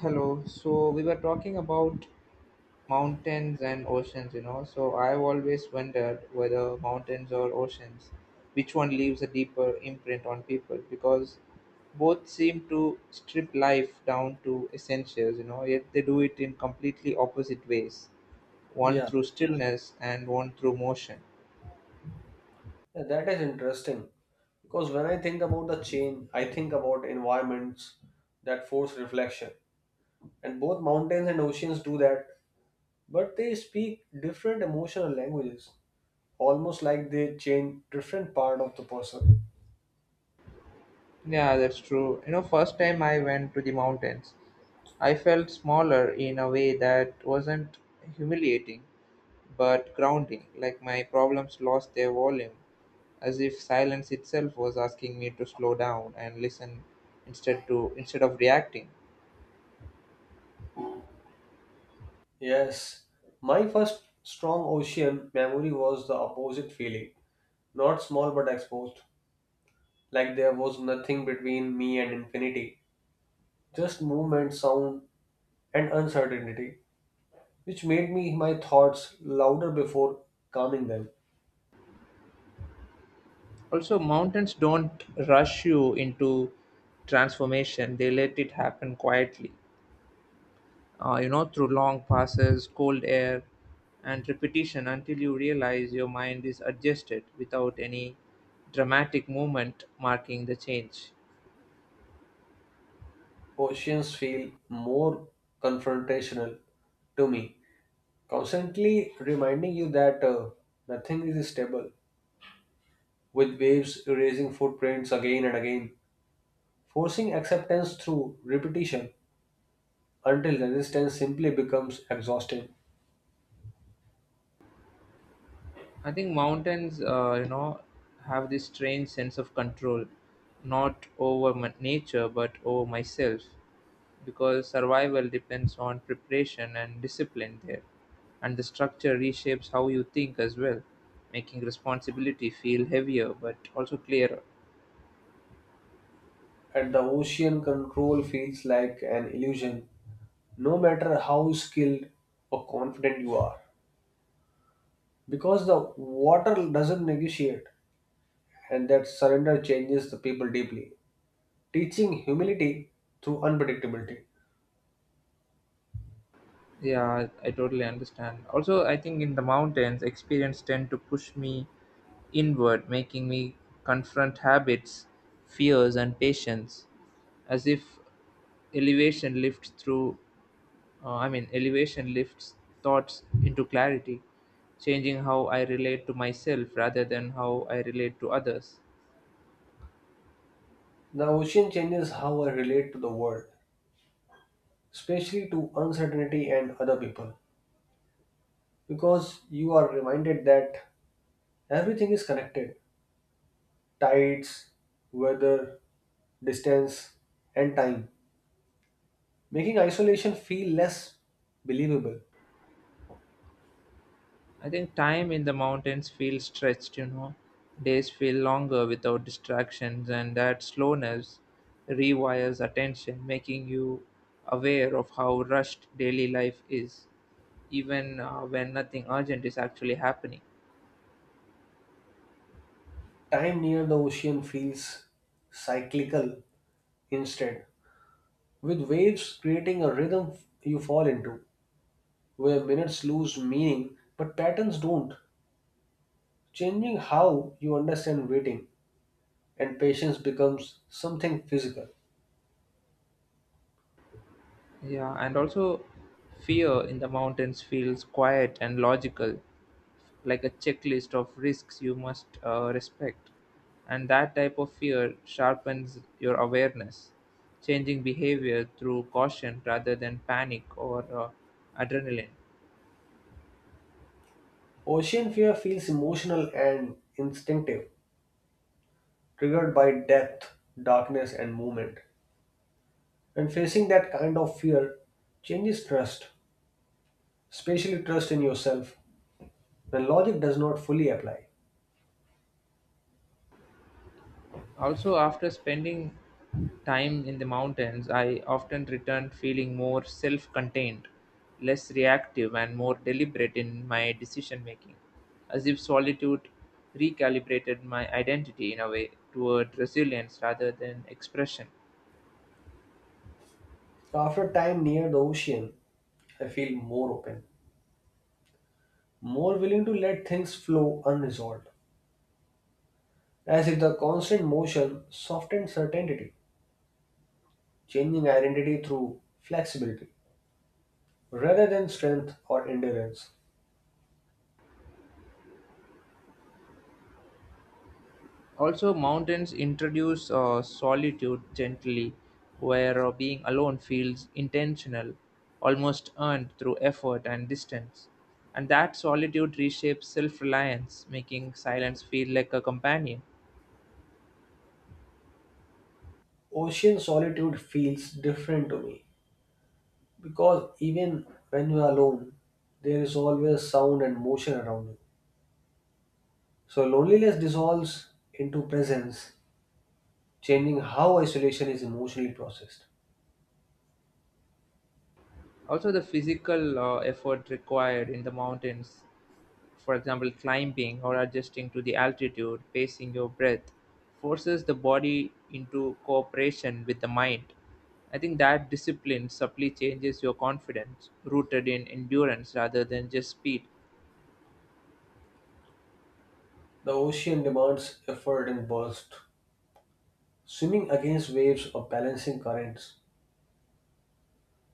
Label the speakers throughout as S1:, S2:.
S1: Hello. So we were talking about mountains and oceans, you know. So I've always wondered whether mountains or oceans, which one leaves a deeper imprint on people because both seem to strip life down to essentials, you know, yet they do it in completely opposite ways. One
S2: Yeah,
S1: through stillness and one through motion.
S2: yeah, that is interesting because when I think about the change, I think about environments that force reflection. And both mountains and oceans do that, but they speak different emotional languages, almost like they change different part of the person.
S1: Yeah, that's true. You know, first time I went to the mountains, I felt smaller in a way that wasn't humiliating but grounding, like my problems lost their volume, as if silence itself was asking me to slow down and listen instead of reacting.
S2: Yes, my first strong ocean memory was the opposite feeling, not small but exposed, like there was nothing between me and infinity, just movement, sound, and uncertainty, which made me my thoughts louder before calming them.
S1: Also, mountains don't rush you into transformation; they let it happen quietly. Through long passes, cold air, and repetition until you realize your mind is adjusted without any dramatic movement marking the change.
S2: Oceans feel more confrontational to me, constantly reminding you that nothing is stable, with waves erasing footprints again and again, forcing acceptance through repetition until resistance simply becomes exhausting.
S1: I think mountains, have this strange sense of control, not over my nature, but over myself, because survival depends on preparation and discipline there. And the structure reshapes how you think as well, making responsibility feel heavier but also clearer.
S2: And the ocean control feels like an illusion no matter how skilled or confident you are because the water doesn't negotiate, and that surrender changes the people deeply, teaching humility through unpredictability.
S1: Yeah, I totally understand. Also, I think in the mountains, experience tend to push me inward, making me confront habits, fears, and patience, as if elevation lifts through. Elevation lifts thoughts into clarity, changing how I relate to myself rather than how I relate to others.
S2: The ocean changes how I relate to the world, especially to uncertainty and other people, because you are reminded that everything is connected: tides, weather, distance, and time, making isolation feel less believable.
S1: I think time in the mountains feels stretched, you know. Days feel longer without distractions, and that slowness rewires attention, making you aware of how rushed daily life is, even when nothing urgent is actually happening.
S2: Time near the ocean feels cyclical instead, with waves creating a rhythm you fall into, where minutes lose meaning but patterns don't, changing how you understand waiting, and patience becomes something physical.
S1: Yeah, and also fear in the mountains feels quiet and logical, like a checklist of risks you must respect. And that type of fear sharpens your awareness, changing behavior through caution rather than panic or adrenaline.
S2: Ocean fear feels emotional and instinctive, triggered by depth, darkness, and movement. And facing that kind of fear changes trust, especially trust in yourself, when logic does not fully apply.
S1: Also, after spending time in the mountains, I often returned feeling more self contained, less reactive, and more deliberate in my decision making, as if solitude recalibrated my identity in a way toward resilience rather than expression.
S2: After time near the ocean, I feel more open, more willing to let things flow unresolved, as if the constant motion softened certainty, changing identity through flexibility rather than strength or endurance.
S1: Also, mountains introduce solitude gently, where being alone feels intentional, almost earned through effort and distance. And that solitude reshapes self reliance, making silence feel like a companion.
S2: Ocean solitude feels different to me because even when you are alone, there is always sound and motion around you. So loneliness dissolves into presence, changing how isolation is emotionally processed.
S1: Also, the physical effort required in the mountains, for example climbing or adjusting to the altitude, pacing your breath, forces the body into cooperation with the mind. I think that discipline subtly changes your confidence, rooted in endurance rather than just speed.
S2: The ocean demands effort and burst, swimming against waves or balancing currents,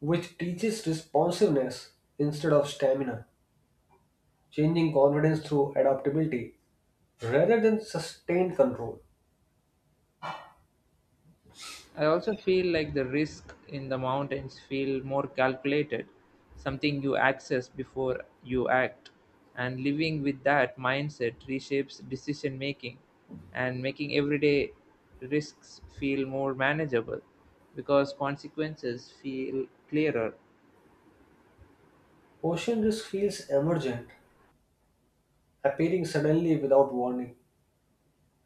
S2: which teaches responsiveness instead of stamina, changing confidence through adaptability rather than sustained control.
S1: I also feel like the risk in the mountains feel more calculated, something you access before you act. And living with that mindset reshapes decision making and making everyday risks feel more manageable because consequences feel clearer.
S2: Ocean risk feels emergent, appearing suddenly without warning,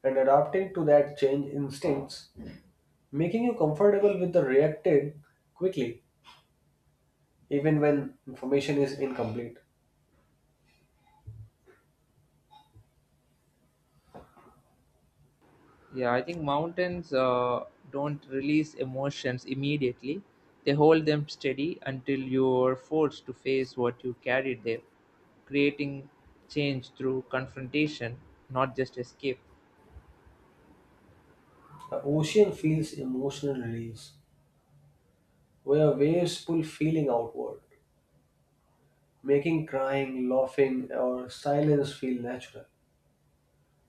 S2: and adapting to that change instincts, making you comfortable with the reacting quickly, even when information is incomplete.
S1: Yeah, I think mountains don't release emotions immediately. They hold them steady until you're forced to face what you carried there, creating change through confrontation, not just escape.
S2: The ocean feels emotional release, where waves pull feeling outward, making crying, laughing, or silence feel natural,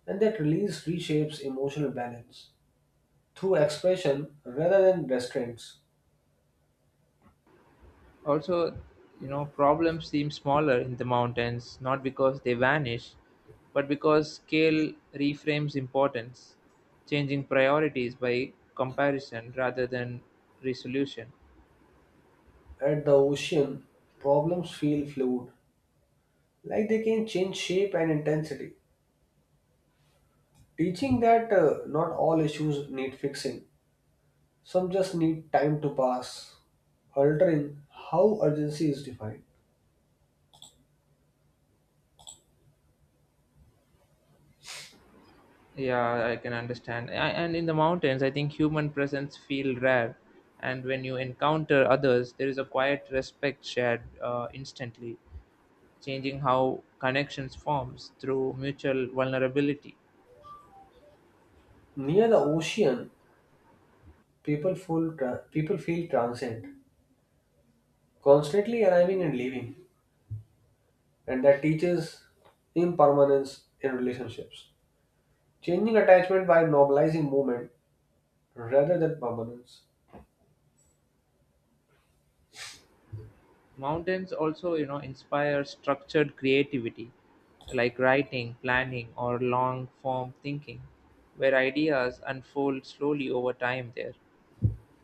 S2: and that release reshapes emotional balance through expression rather than restraints.
S1: Also, you know, problems seem smaller in the mountains, not because they vanish, but because scale reframes importance, changing priorities by comparison rather than resolution.
S2: At the ocean, problems feel fluid, like they can change shape and intensity, teaching that not all issues need fixing, some just need time to pass, altering how urgency is defined.
S1: Yeah, I can understand. And in the mountains, I think human presence feel rare, and when you encounter others, there is a quiet respect shared instantly, changing how connections forms through mutual vulnerability.
S2: Near the ocean, people feel transient, constantly arriving and leaving, and that teaches impermanence in relationships, changing attachment by normalizing movement rather than permanence.
S1: Mountains also, you know, inspire structured creativity, like writing, planning, or long form thinking, where ideas unfold slowly over time there,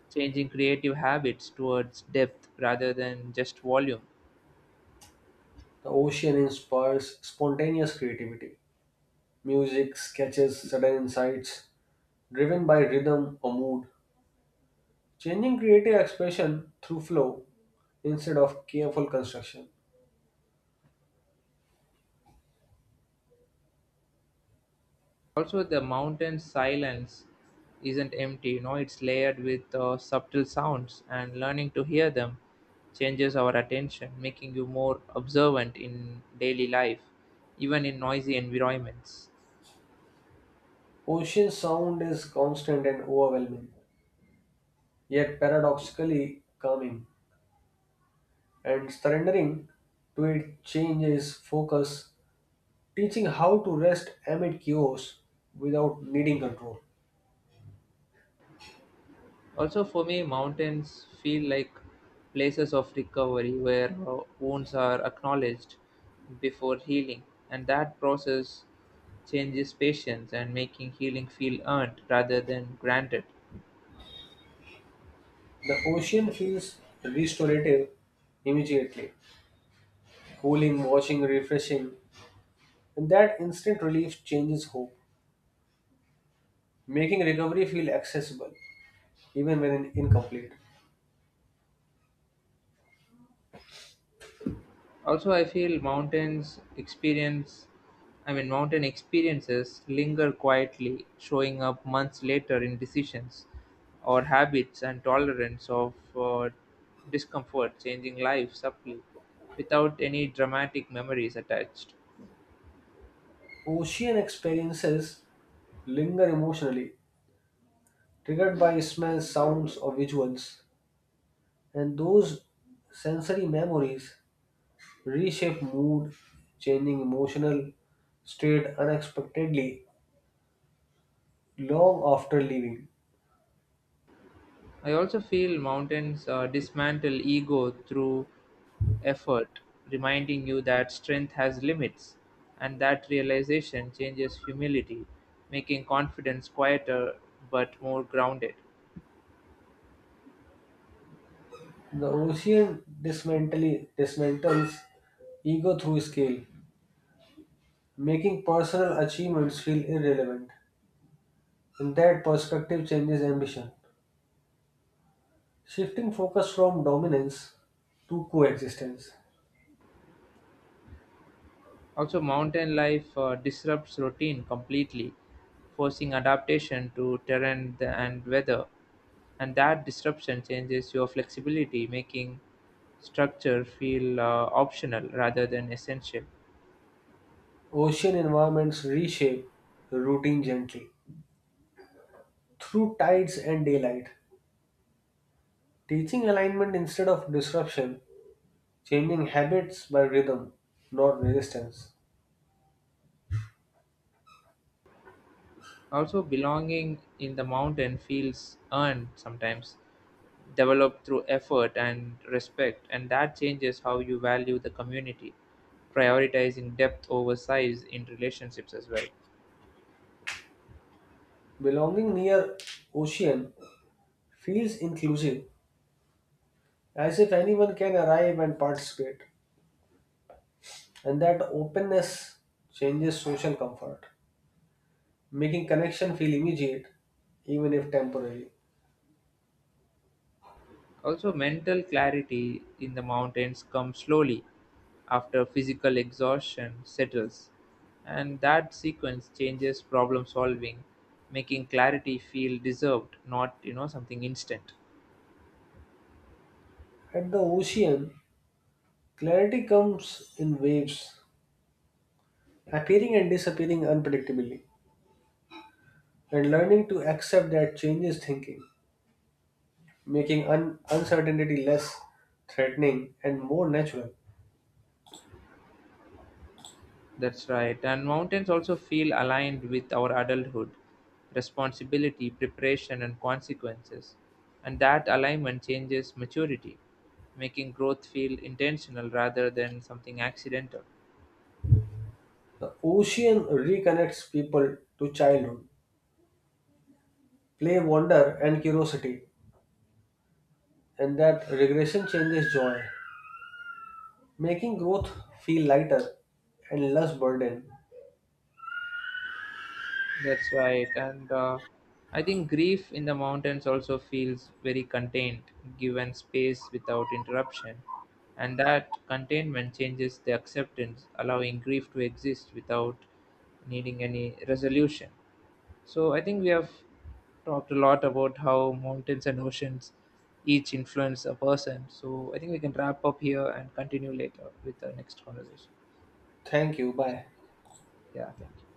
S1: changing creative habits towards depth rather than just volume.
S2: The ocean inspires spontaneous creativity: music, sketches, sudden insights, driven by rhythm or mood, changing creative expression through flow instead of careful construction.
S1: Also, the mountain silence isn't empty, you know, it's layered with subtle sounds, and learning to hear them changes our attention, making you more observant in daily life, even in noisy environments.
S2: Ocean sound is constant and overwhelming, yet paradoxically calming, and surrendering to it changes focus, teaching how to rest amid chaos without needing control.
S1: Also, for me, mountains feel like places of recovery where wounds are acknowledged before healing, and that process changes patience and making healing feel earned rather than granted.
S2: The ocean feels restorative immediately, cooling, washing, refreshing, and that instant relief changes hope, making recovery feel accessible even when incomplete.
S1: Also, I feel mountains experience, I mean, mountain experiences linger quietly, showing up months later in decisions or habits and tolerance of discomfort, changing life subtly without any dramatic memories attached.
S2: Ocean experiences linger emotionally, triggered by smells, sounds, or visuals, and those sensory memories reshape mood, changing emotional state unexpectedly long after leaving.
S1: I also feel mountains dismantle ego through effort, reminding you that strength has limits, and that realization changes humility, making confidence quieter but more grounded.
S2: The dismantles ego through scale, making personal achievements feel irrelevant. In that perspective changes ambition, shifting focus from dominance to coexistence.
S1: Also, mountain life disrupts routine completely, forcing adaptation to terrain and weather, and that disruption changes your flexibility, making structure feel optional rather than essential.
S2: Ocean environments reshape routine gently through tides and daylight, teaching alignment instead of disruption, changing habits by rhythm, not resistance.
S1: Also, belonging in the mountain feels earned sometimes, developed through effort and respect, and that changes how you value the community, prioritizing depth over size in relationships as well.
S2: Belonging near ocean feels inclusive, as if anyone can arrive and participate. And that openness changes social comfort, making connection feel immediate, even if temporary.
S1: Also, mental clarity in the mountains comes slowly after physical exhaustion settles, and that sequence changes problem solving, making clarity feel deserved, not you know something instant.
S2: At the ocean, clarity comes in waves, appearing and disappearing unpredictably, and learning to accept that changes thinking, making uncertainty less threatening and more natural.
S1: That's right. And mountains also feel aligned with our adulthood, responsibility, preparation, and consequences. And that alignment changes maturity, making growth feel intentional rather than something accidental.
S2: The ocean reconnects people to childhood, play, wonder, and curiosity, and that regression changes joy, making growth feel lighter and less burden.
S1: That's right. And I think grief in the mountains also feels very contained, given space without interruption. And that containment changes the acceptance, allowing grief to exist without needing any resolution. So I think we have talked a lot about how mountains and oceans each influence a person. So I think we can wrap up here and continue later with the next conversation.
S2: Thank you. Bye.
S1: Yeah, thank you.